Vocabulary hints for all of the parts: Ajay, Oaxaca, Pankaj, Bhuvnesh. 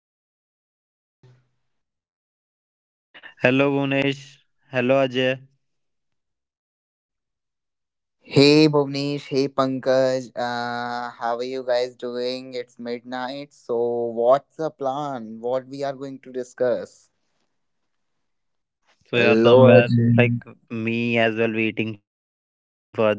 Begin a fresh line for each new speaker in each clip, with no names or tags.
another episode.
Hello, Gunesh. Hello, Ajay.
Hey Bhuvnesh, hey Pankaj, how are you guys doing? It's midnight, so what's the plan? What we are going to discuss?
So yeah,
Hello
somewhere
Ajay.
like me as well waiting for that.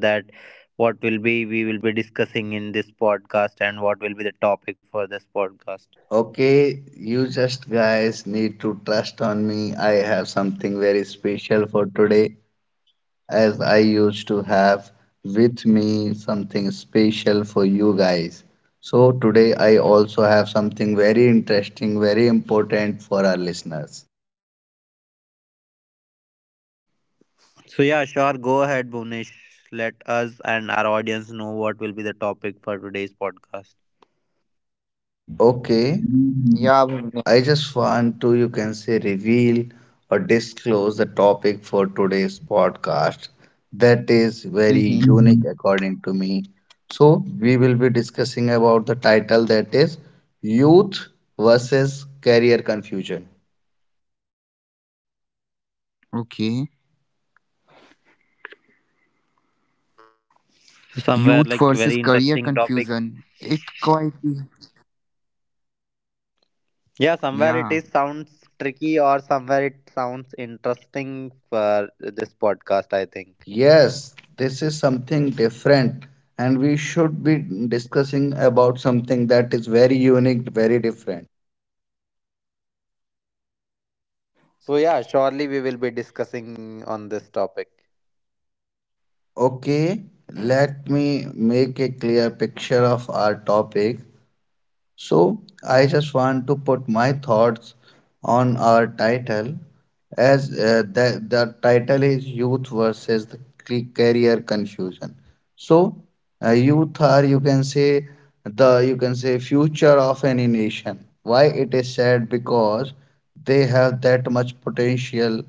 What will be we will be discussing in this podcast and what will be the topic for this podcast.
Okay, you just guys need to trust on me. I have something very special for today, as I used to have with me something special for you guys. So today I also have something very interesting, very important for our listeners.
So yeah, sure, go ahead, Bhunesh. Let us and our audience know what will be the topic for today's podcast.
Okay.
Yeah, Bhuvnesh.
I just want to, you can say, reveal or disclose the topic for today's podcast that is
Mm-hmm.
very unique according to me. So, we will be discussing about the title that is Youth versus Career Confusion.
Okay. Youth versus career
So
confusion.
somewhere like
It
very
quite.
interesting topic.
Yeah.
Yeah, somewhere it is sounds tricky or somewhere it sounds interesting for this podcast, I think.
Yes, this is something different, and we should be discussing about something that is very unique, very different.
So yeah, surely we will be discussing on this topic.
Okay, let me make a clear picture of our topic. So, I just want to put my thoughts on our title as the title is Youth versus the Career Confusion. So, youth are, you can say, the you can say future of any nation. Why it is said? Because they have that much potential,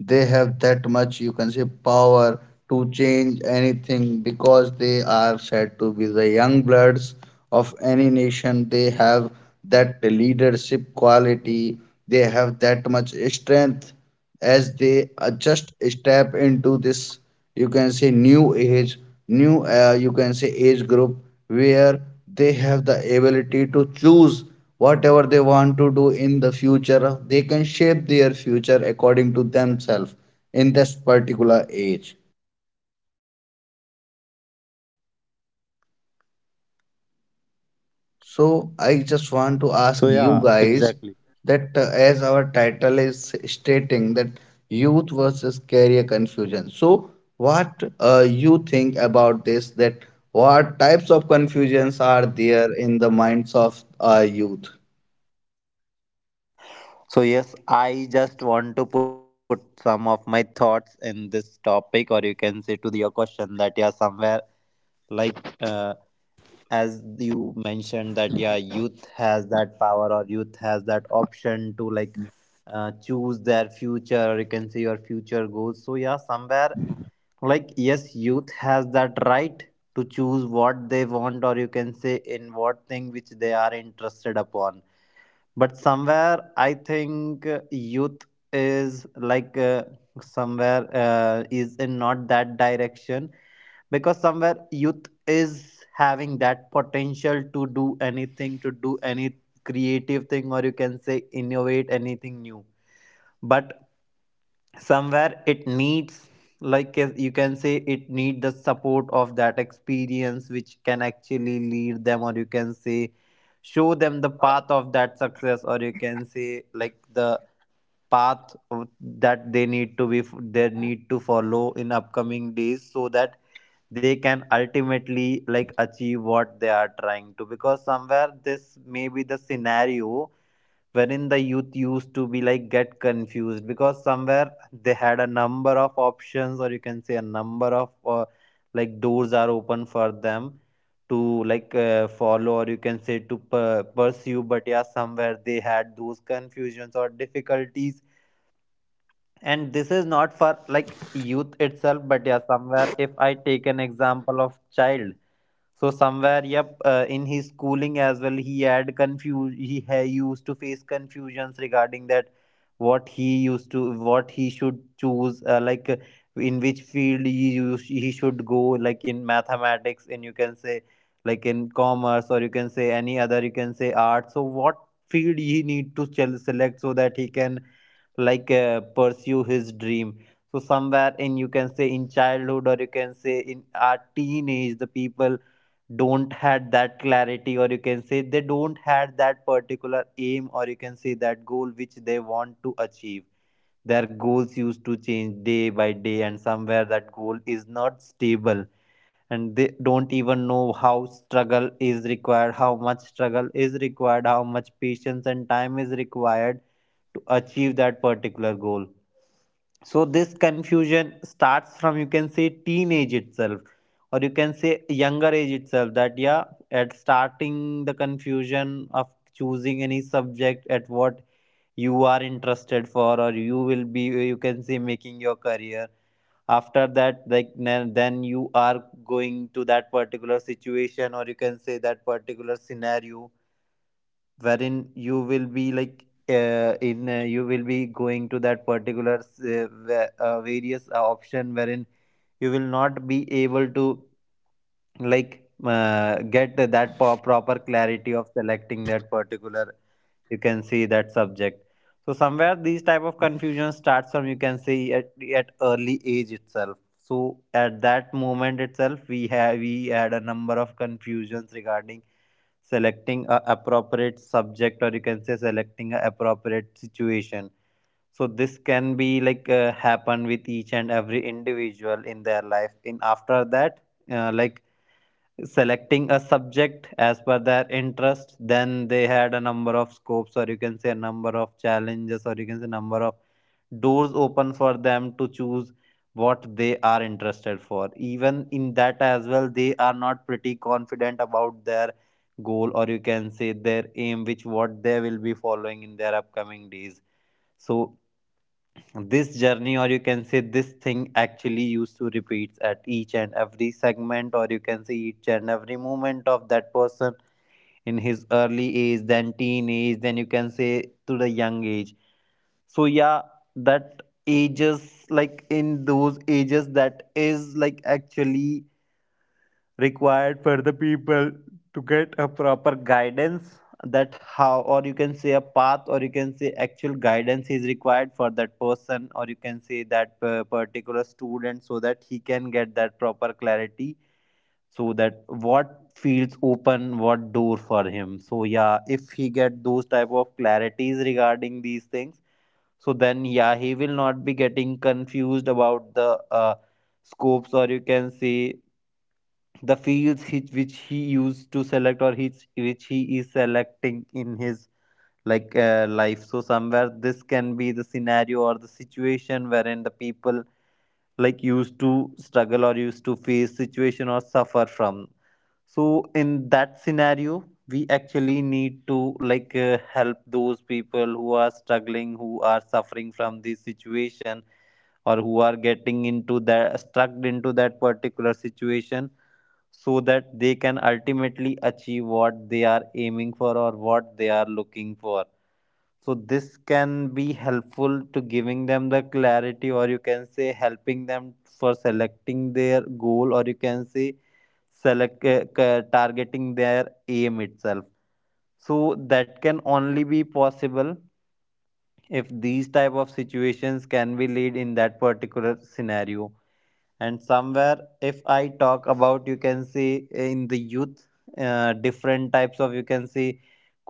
they have that much you can say power to change anything, because they are said to be the young bloods of any nation. They have that leadership quality, they have that much strength as they just step into this you can say new age, new you can say age group, where they have the ability to choose whatever they want to do in the future. They can shape their future according to themselves in this particular age. So I just
So
want to
yeah,
ask you
exactly.
guys that as our title is stating that youth versus career confusion. So what you think about this? That what types of confusions are there in the minds of youth?
So yes, I just want to put some of my thoughts in this topic, or you can say to your question that yeah, somewhere like as you mentioned that yeah, youth has that power or youth has that option to like choose their future, or you can say your future goals. So yeah, somewhere like yes, youth has that right to choose what they want, or you can say in what thing which they are interested upon. But somewhere I think youth is somewhere is in not that direction, because somewhere youth is having that potential to do anything, to do any creative thing, or you can say innovate anything new. But somewhere it needs, like as you can say, it need the support of that experience, which can actually lead them, or you can say show them the path of that success, or you can say like the that they need to be, they need to follow in upcoming days, so that they can ultimately like achieve what they are trying to. Because somewhere this may be the scenario wherein the youth used to be like get confused, because somewhere they had a number of options, or you can say a number of like doors are open for them to follow, or you can say to pursue. But yeah, somewhere they had those confusions or difficulties. And this is not for like youth itself, but yeah, somewhere if I take an example of child, so somewhere, yep, in his schooling as well, he had confuse. He used to face confusions regarding that what he used to, what he should choose, in which field he use, he should go, like in mathematics, and you can say like in commerce, or you can say any other, you can say art. So what field he need to select so that he can pursue his dream. So somewhere in you can say in childhood, or you can say in our teenage, the people don't had that clarity, or you can say they don't had that particular aim, or you can say that goal which they want to achieve. Their goals used to change day by day, and somewhere that goal is not stable, and they don't even know how struggle is required, how much struggle is required, how much patience and time is required to achieve that particular goal. So this confusion starts from you can say teenage itself, or you can say younger age itself. That yeah, at starting the confusion of choosing any subject at what you are interested for, or you will be you can say making your career. After that, like then you are going to that particular situation, or you can say that particular scenario, wherein you will be like in you will be going to that particular various option, wherein you will not be able to get that proper clarity of selecting that particular you can see that subject. So somewhere these type of confusion starts from you can see at early age itself. So at that moment itself, we have we had a number of confusions regarding selecting a appropriate subject, or you can say selecting a appropriate situation. So this can be happen with each and every individual in their life. In after that like selecting a subject as per their interest, then they had a number of scopes, or you can say a number of challenges, or you can say number of doors open for them to choose what they are interested for. Even in that as well, they are not pretty confident about their goal, or you can say their aim which what they will be following in their upcoming days. So this journey, or you can say this thing actually used to repeats at each and every segment, or you can say each and every moment of that person in his early age, then teen age, then you can say to the young age. So yeah, that ages like in those ages that is like actually required for the people to get a proper guidance. That how, or you can say a path, or you can say actual guidance is required for that person, or you can say that particular student, so that he can get that proper clarity. So that what fields open, what door for him. So yeah, if he get those type of clarities regarding these things, so then, yeah, he will not be getting confused about the scopes, or you can say the fields he, which he used to select, or his, which he is selecting in his life. So somewhere this can be the scenario or the situation wherein the people like used to struggle, or used to face situation or suffer from. So in that scenario, we actually need to help those people who are struggling, who are suffering from this situation, or who are getting into that stuck into that particular situation, so that they can ultimately achieve what they are aiming for, or what they are looking for. So this can be helpful to giving them the clarity, or you can say helping them for selecting their goal, or you can say targeting their aim itself. So that can only be possible if these type of situations can be laid in that particular scenario. And somewhere, if I talk about you can see in the youth, different types of you can see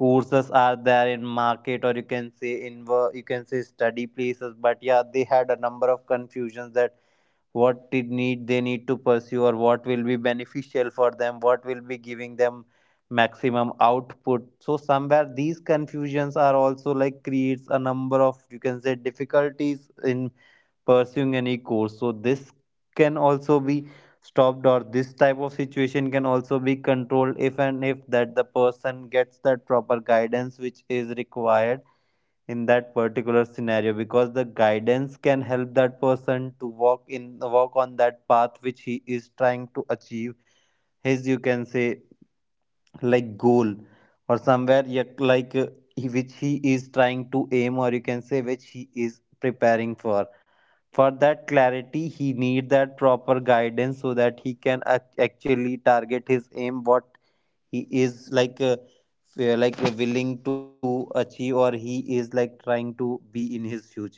courses are there in market, or you can see in you can see study places. But yeah, they had a number of confusions that what did need they need to pursue, or what will be beneficial for them, what will be giving them maximum output. So somewhere these confusions are also like creates a number of you can say difficulties in pursuing any course. So this can also be stopped, or this type of situation can also be controlled if and if that the person gets that proper guidance which is required in that particular scenario, because the guidance can help that person to walk on that path which he is trying to achieve his you can say like goal, or somewhere yet like which he is trying to aim, or you can say which he is preparing for. For that clarity he need that proper guidance, so that he can actually target his aim what he is like willing to achieve, or he is like trying to be in his future. So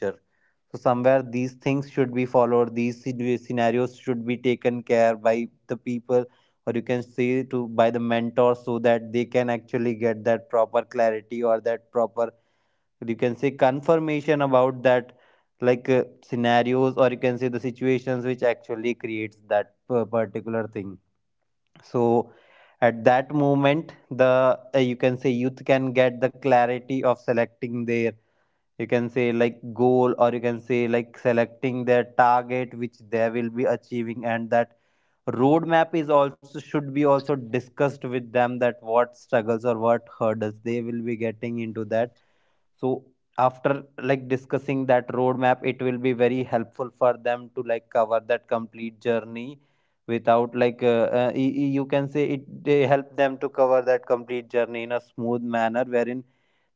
somewhere these things should be followed, these scenarios should be taken care by the people, or you can say to by the mentors, so that they can actually get that proper clarity, or that proper you can say confirmation about that scenarios, or you can say the situations which actually creates that particular thing. So at that moment the you can say youth can get the clarity of selecting their you can say like goal, or you can say like selecting their target which they will be achieving. And that roadmap is also should be also discussed with them, that what struggles or what hurdles they will be getting into that. So after like discussing that roadmap, it will be very helpful for them to like cover that complete journey without you can say it they help them to cover that complete journey in a smooth manner, wherein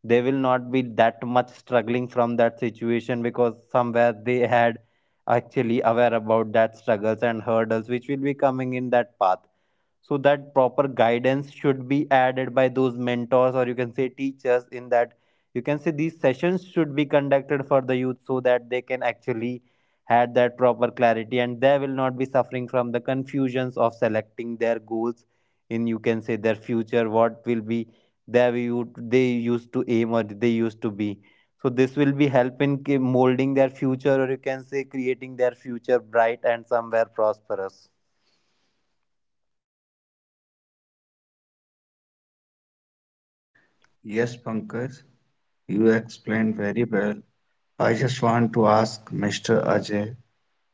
they will not be that much struggling from that situation, because somewhere they had actually aware about that struggles and hurdles which will be coming in that path. So that proper guidance should be added by those mentors, or you can say teachers. In that you can say these sessions should be conducted for the youth, so that they can actually had that proper clarity, and they will not be suffering from the confusions of selecting their goals in you can say their future. What will be they you they used to aim, or they used to be. So this will be help in molding their future, or you can say creating their future bright and somewhere prosperous.
Yes, Pankaj, you explained very well. I just want to ask Mr. Ajay,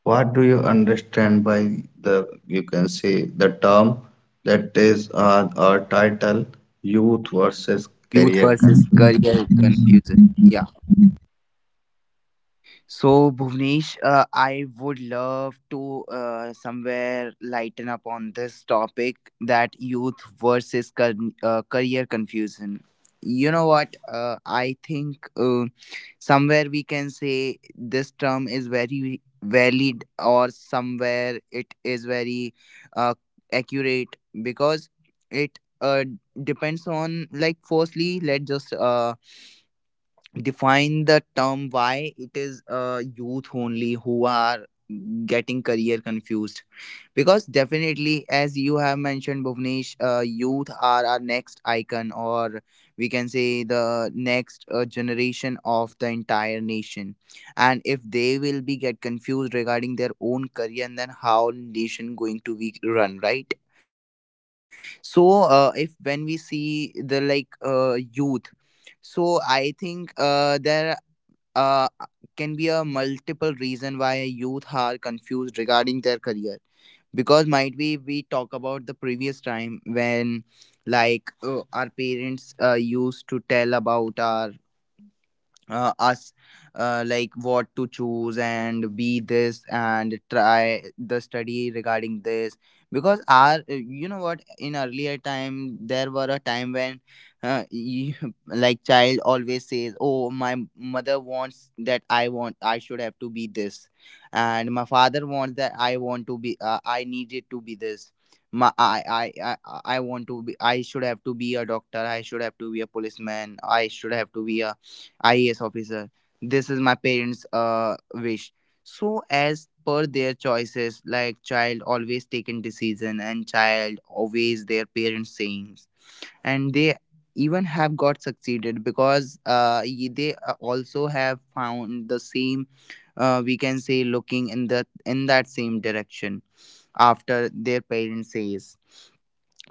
what do you understand by the, you can say, the term that is our title, youth versus
Youth
career
versus
confusion?
career confusion. Yeah. So, Bhuvnesh, I would love to somewhere lighten up on this topic that youth versus career confusion. You know what? I think somewhere we can say this term is very valid, or somewhere it is very uh, accurate because it depends on, like, firstly, let's just define the term why it is youth only who are getting career confused, because definitely, as you have mentioned, Bhuvnesh, youth are our next icon, or we can say the next generation of the entire nation. And if they will be get confused regarding their own career, then how nation going to be run, right? So if when we see the like youth, so I think there uh, can be a multiple youth are confused regarding their career, because might be we talk about the previous time when our parents used to tell about our us like what to choose and be this and try the study regarding this, because our you know what, in earlier time there were a time when uh, you, like child always says, oh, my mother wants that I want, I should have to be this, and my father wants that I want to be, I needed to be this. My I, I i i I want to be, I should have to be a doctor, I should have to be a policeman, I should have to be a IAS officer. This is my parents' wish. So as per their choices, like child always taken decision, and child always their parents' sayings, and they even have got succeeded because they also have found the same, we can say, looking in the in that same direction after their parents says.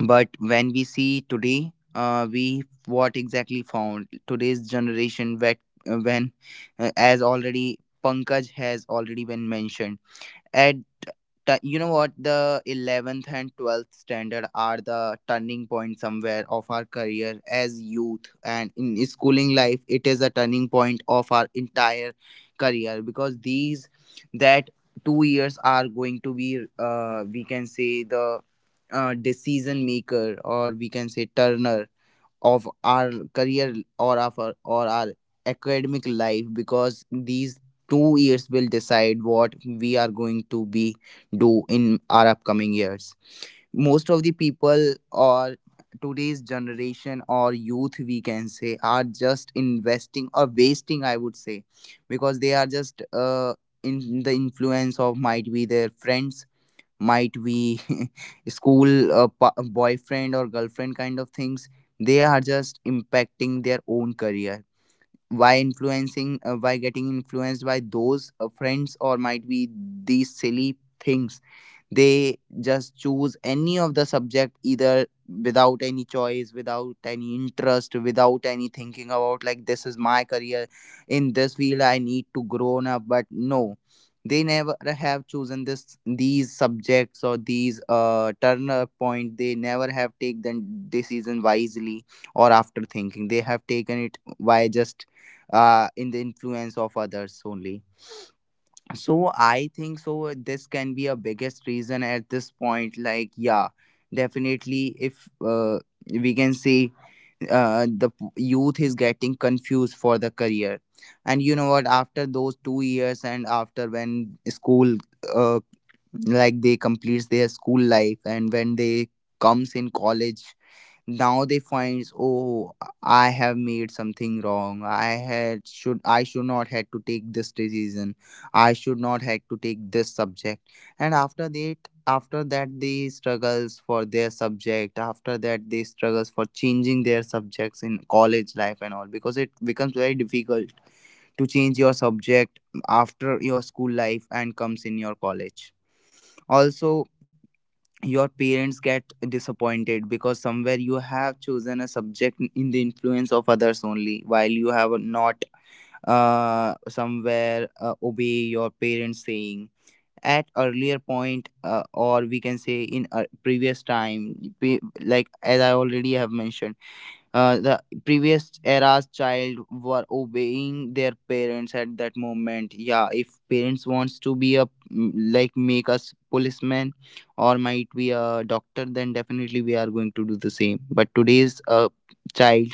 But when we see today, we what exactly found today's generation, that when as already Pankaj has already been mentioned at you know what, the 11th and 12th standard are the turning point somewhere of our career as youth, and in schooling life it is a turning point of our entire career, because these that 2 years are going to be, we can say, the decision maker, or we can say turner of our career, or of our academic life, because these 2 years will decide what we are going to be do in our upcoming years. Most of the people, or today's generation or youth, we can say, are just investing or wasting, I would say, because they are just in the influence of, might be, their friends, might be school boyfriend or girlfriend kind of things. They are just impacting their own career. Why influencing, why getting influenced by those friends, or might be these silly things. They just choose any of the subject, either without any choice, without any interest, without any thinking about, like, this is my career, in this field I need to grown up. But no, they never have chosen this these subjects, or these turner point, they never have taken the decision wisely, or after thinking. They have taken it by just in the influence of others only. So I think, so this can be a biggest reason at this point. Like, yeah, definitely, if we can see youth is getting confused for the career. And you know what, after those 2 years, and after when school uh, like they completes their school life, and when they comes in college, now they finds, oh, I have made something wrong, I should not had to take this decision, I should not had to take this subject. And after that, they struggles for their subject, after that they struggles for changing their subjects in college life and all, because it becomes very difficult to change your subject after your school life and comes in your college. Also, your parents get disappointed, because somewhere you have chosen a subject in the influence of others only, while you have not somewhere obey your parents saying at earlier point, or we can say in a previous time. We, like as I already have mentioned, the previous era's child were obeying their parents at that moment. Yeah, if parents wants to be a like, make us policeman or might be a doctor, then definitely we are going to do the same. But today's child,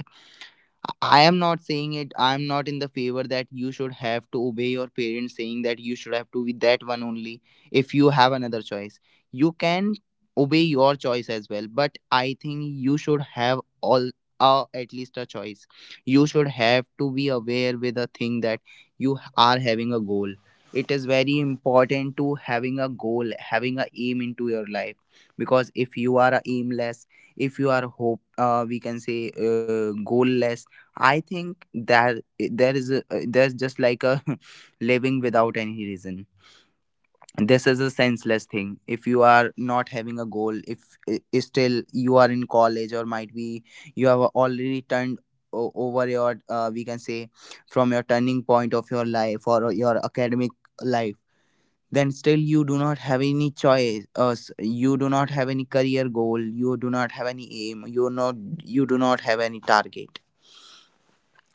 I am not saying it. I am not in the favor that you should have to obey your parents, saying that you should have to be that one only. If you have another choice, you can obey your choice as well. But I think you should have all, at least a choice. You should have to be aware with a thing that you are having a goal. It is very important to having a goal, having a aim into your life, because if you are aimless, if you are hope, we can say, goalless, I think that there is a, there's just like a living without any reason. This is a senseless thing. If you are not having a goal, if still you are in college, or might be you have already turned over your, we can say, from your turning point of your life or your academic life, then still you do not have any choice, you do not have any career goal, you do not have any aim, you do not have any target.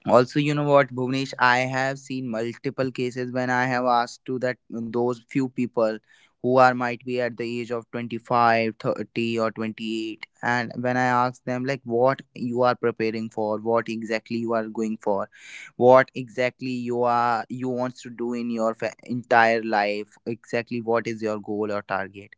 Also, you know what, Bhuvnesh, I have seen multiple cases, when I have asked to that those few people who are might be at the age of 25, 30, or 28, and when I ask them, like, what you are preparing for, what exactly you are going for, what exactly you wants to do in your entire life, exactly what is your goal or target?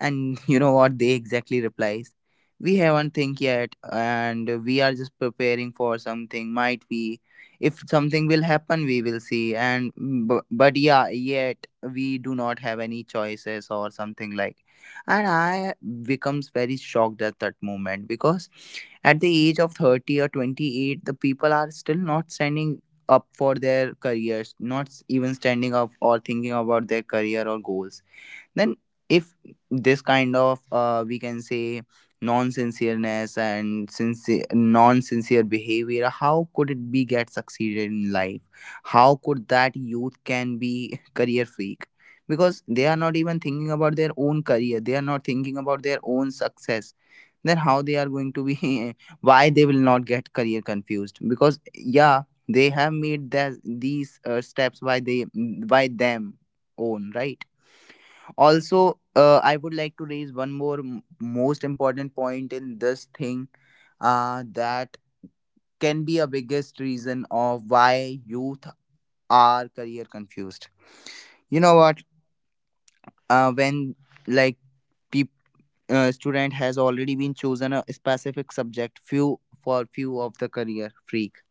And you know what they exactly replies, we haven't think yet, and we are just preparing for something, might be if something will happen, we will see, and but yeah, yet we do not have any choices or something like. And I becomes very shocked at that moment, because at the age of 30 or 28, the people are still not standing up for their careers, not even standing up or thinking about their career or goals. Then, if this kind of, we can say, non-sincereness and sincere non-sincere behavior, how could it be get succeeded in life? How could that youth can be career freak? Because they are not even thinking about their own career, they are not thinking about their own success. Then how they are going to be why they will not get career confused? Because yeah, they have made that these steps by they by them own, right? Also, I would like to raise one more most important point in this thing, that can be a biggest reason of why youth are career confused. You know what, when like peop student has already been chosen a specific subject few for few of the career freak,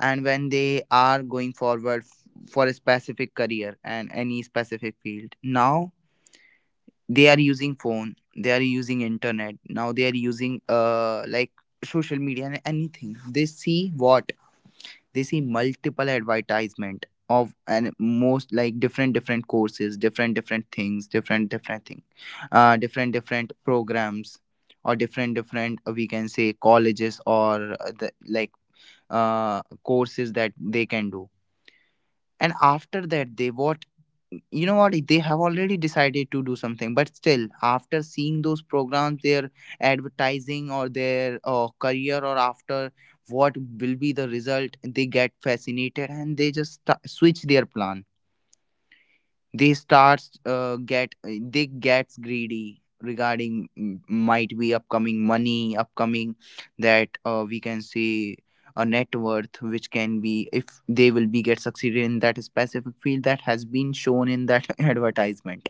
and when they are going forward for a specific career and any specific field, now they are using phone, they are using internet, now they are using like social media, and anything they see, what they see multiple advertisement of, and most like different different courses, different different things, different different thing, different different programs, or different different, we can say, colleges, or the like courses that they can do. And after that they what, you know what, they have already decided to do something, but still after seeing those programs, their advertising, or their career, or after what will be the result, they get fascinated, and they just switch their plan. They gets greedy regarding, might be, upcoming money, upcoming that, we can say, a net worth, which can be if they will be get succeeded in that specific field that has been shown in that advertisement.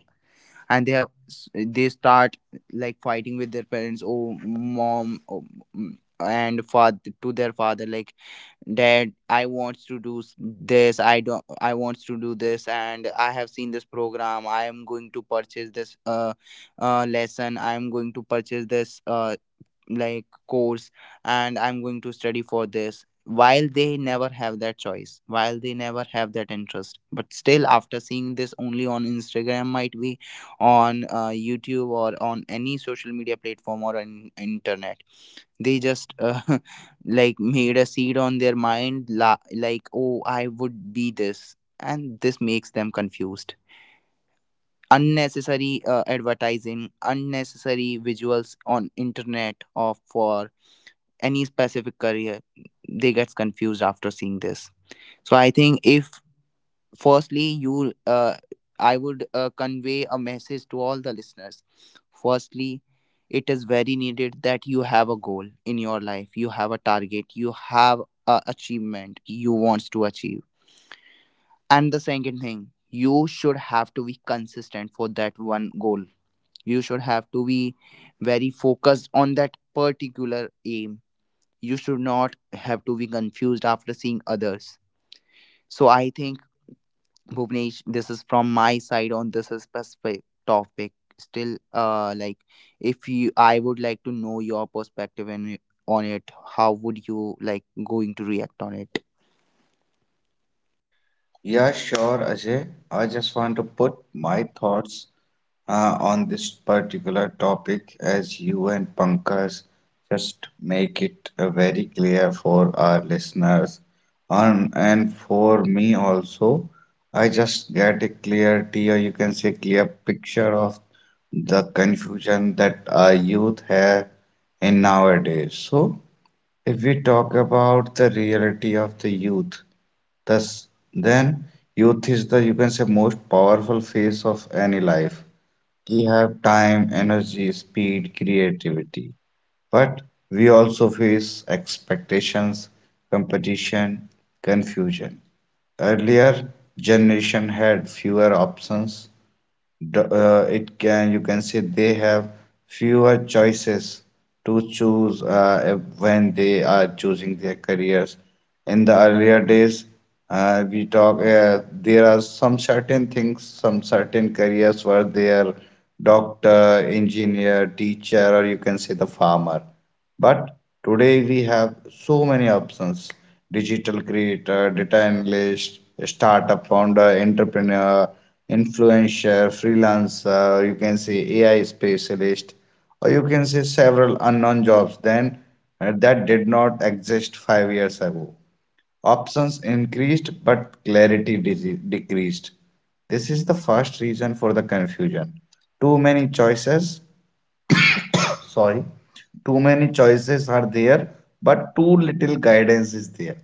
And they start like fighting with their parents, oh mom, oh, and father, to their father, like that I want to do this, I don't, I want to do this, and I have seen this program, I am going to purchase this lesson, I am going to purchase this like course, and I'm going to study for this, while they never have that choice, while they never have that interest. But still after seeing this only on Instagram, might be on YouTube, or on any social media platform, or on internet, they just like made a seed on their mind, like, oh I would be this, and this makes them confused. Unnecessary advertising, unnecessary visuals on internet, or for any specific career, they gets confused after seeing this. So I think, if firstly you, I would convey a message to all the listeners. Firstly, it is very needed that you have a goal in your life, you have a target, you have a achievement you wants to achieve. And the second thing, you should have to be consistent for that one goal, you should have to be very focused on that particular aim, you should not have to be confused after seeing others. So I think, Bhuvnesh, this is from my side on this specific topic. Still, like, if you, I would like to know your perspective and on it. How would you like going to react on it?
Yeah, sure, Ajay. I just want to put my thoughts on this particular topic as you and Pankaj just make it very clear for our listeners. On, and for me also, I just get a clarity or you can say clear picture of the confusion that our youth have in nowadays. So, if we talk about the reality of the youth, thus, then, youth is the, you can say, most powerful phase of any life. We have time, energy, speed, creativity. But we also face expectations, competition, confusion. Earlier, generation had fewer options, it can you can say they have fewer choices to choose when they are choosing their careers. In the earlier days, we talk, there are some certain things, some certain careers where they are doctor, engineer, teacher, or you can say the farmer. But today we have so many options: digital creator, data analyst, startup founder, entrepreneur, influencer, freelancer, you can say AI specialist, or you can say several unknown jobs then that did not exist 5 years ago. Options increased, but clarity decreased. This is the first reason for the confusion. Too many choices, sorry, too many choices are there but too little guidance is there.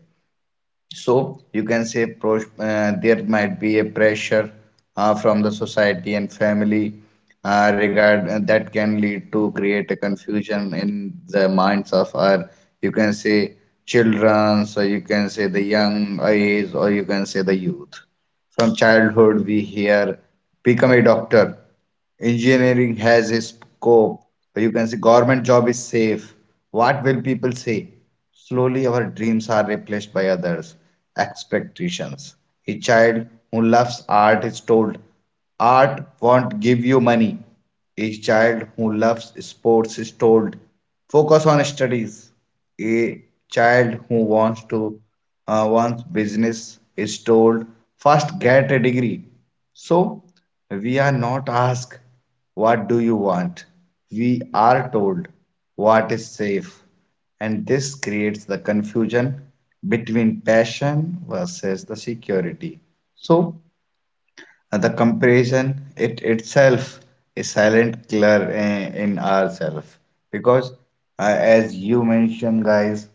So you can say there might be a pressure from the society and family, regard, and that can lead to create a confusion in the minds of our, you can say, children, so you can say the young age or you can say the youth. From childhood, we hear become a doctor. Engineering has a scope. Or you can say government job is safe. What will people say? Slowly, our dreams are replaced by others' expectations. A child who loves art is told, art won't give you money. A child who loves sports is told, focus on studies. A child who wants to wants business is told, first get a degree. So we are not asked, what do you want? We are told what is safe. And this creates the confusion between passion versus the security. So the comparison it itself is silent killer in ourselves because as you mentioned guys,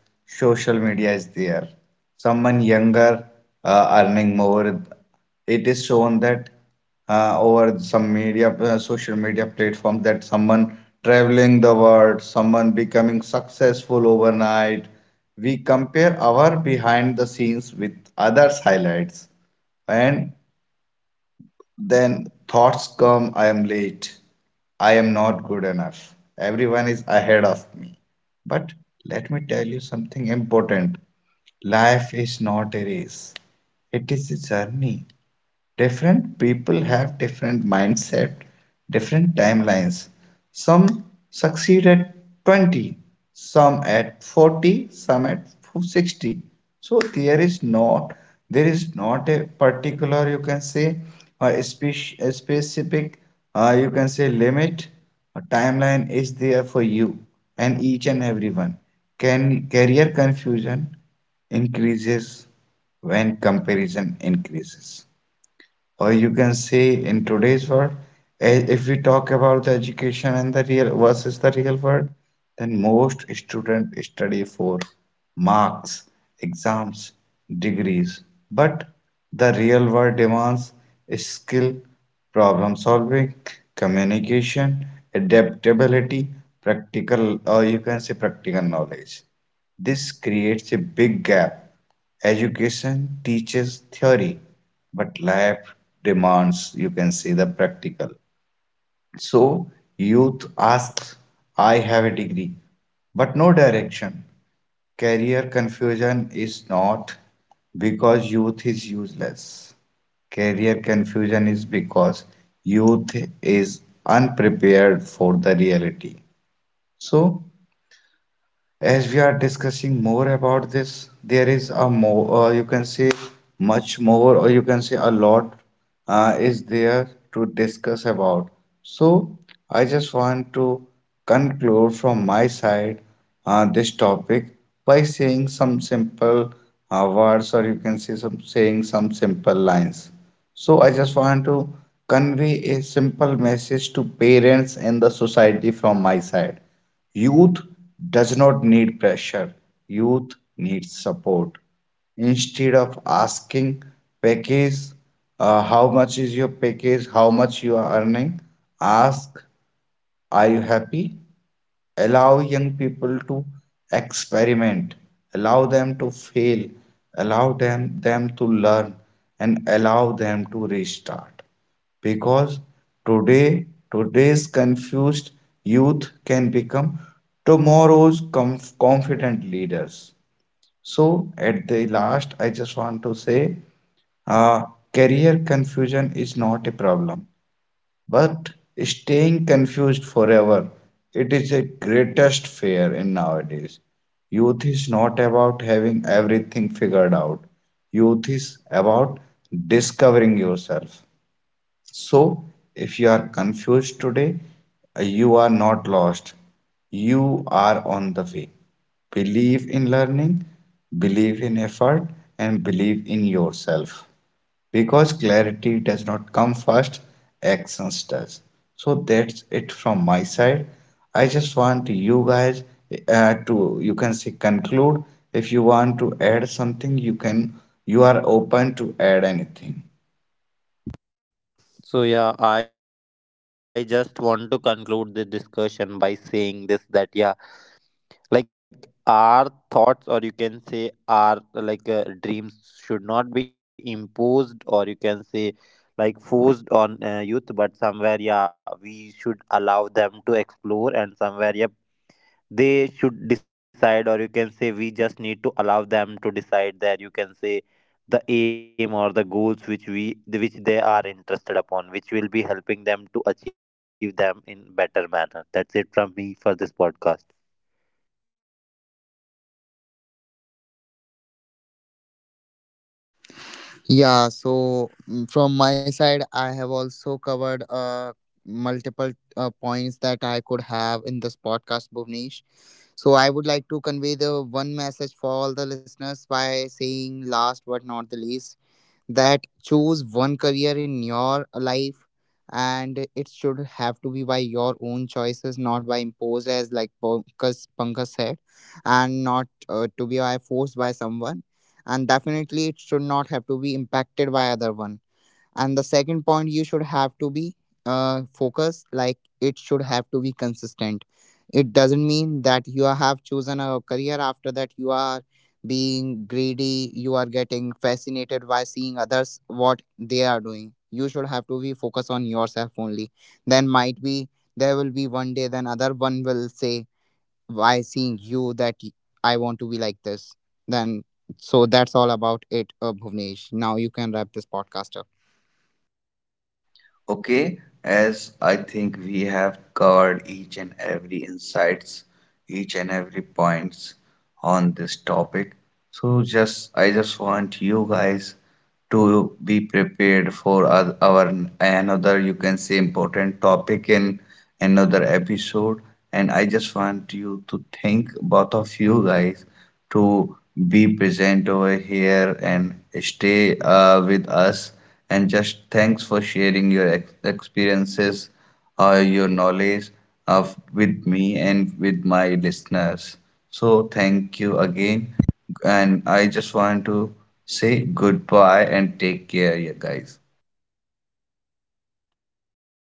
social media is there, someone younger earning more. It is shown that over some media social media platform that someone traveling the world, someone becoming successful overnight. We compare our behind the scenes with others highlights, and then thoughts come: I am late, I am not good enough, everyone is ahead of me. But let me tell you something important: life is not a race, it is a journey. Different people have different mindset, different timelines. Some succeed at 20, some at 40, some at 60. So there is not, there is not a particular you can say, or a specific you can say limit, a timeline is there for you and each and everyone. Can career confusion increases when comparison increases, or you can say in today's world, if we talk about the education and the real versus the real world, then most students study for marks, exams, degrees. But the real world demands skill, problem solving, communication, adaptability, practical or you can say practical knowledge. This creates a big gap. Education teaches theory, but life demands, you can say, the practical. So youth asks, I have a degree, but no direction. Career confusion is not because youth is useless. Career confusion is because youth is unprepared for the reality. So as we are discussing more about this, there is a more, you can say much more, or you can say a lot is there to discuss about. So, I just want to conclude from my side this topic by saying some simple words, or you can say some saying some simple lines. So I just want to convey a simple message to parents and the society from my side. Youth does not need pressure. Youth needs support. Instead of asking package, how much is your package, how much you are earning, ask, are you happy? Allow young people to experiment, allow them to fail, allow them to learn, and allow them to restart. Because today, today's confused youth can become tomorrow's confident leaders. So at the last I just want to say, uh, career confusion is not a problem, but staying confused forever, it is a greatest fear in nowadays. Youth is not about having everything figured out. Youth is about discovering yourself. So, if you are confused today, you are not lost. You are on the way. Believe in learning, believe in effort, and believe in yourself. Because clarity does not come first, actions does. So that's it from my side. I just want you guys to you can say conclude. If you want to add something, you can, you are open to add anything.
So yeah, I just want to conclude the discussion by saying this, that yeah, like our thoughts, or you can say our dreams should not be imposed, or you can say like forced on youth. But somewhere yeah, we should allow them to explore, and somewhere yeah, they should decide, or you can say we just need to allow them to decide that you can say the aim or the goals which we which they are interested upon, which will be helping them to achieve them in better manner. That's it from me for this podcast.
Yeah, so from my side, I have also covered multiple points that I could have in this podcast, Bhuvnesh. So I would like to convey the one message for all the listeners by saying last but not the least, that choose one career in your life, and it should have to be by your own choices, not by imposed, as like Pankaj said, and not to be by forced by someone, and definitely it should not have to be impacted by other one. And the second point, you should have to be focused, like it should have to be consistent. It doesn't mean that you have chosen a career, after that you are being greedy, you are getting fascinated by seeing others what they are doing. You should have to be focused on yourself only. Then might be there will be one day then other one will say, why, seeing you, that I want to be like this. Then, so that's all about it, Bhuvnesh, now you can wrap this podcast up.
Okay, as I think we have covered each and every insights, each and every points on this topic. So just I just want you guys to be prepared for our another you can say important topic in another episode, and I just want you to think both of you guys to be present over here and stay with us, and just thanks for sharing your experiences or your knowledge of with me and with my listeners. So thank you again, and I just want to say goodbye and take care you guys.
Goodbye, Bhavnesh. Thank you.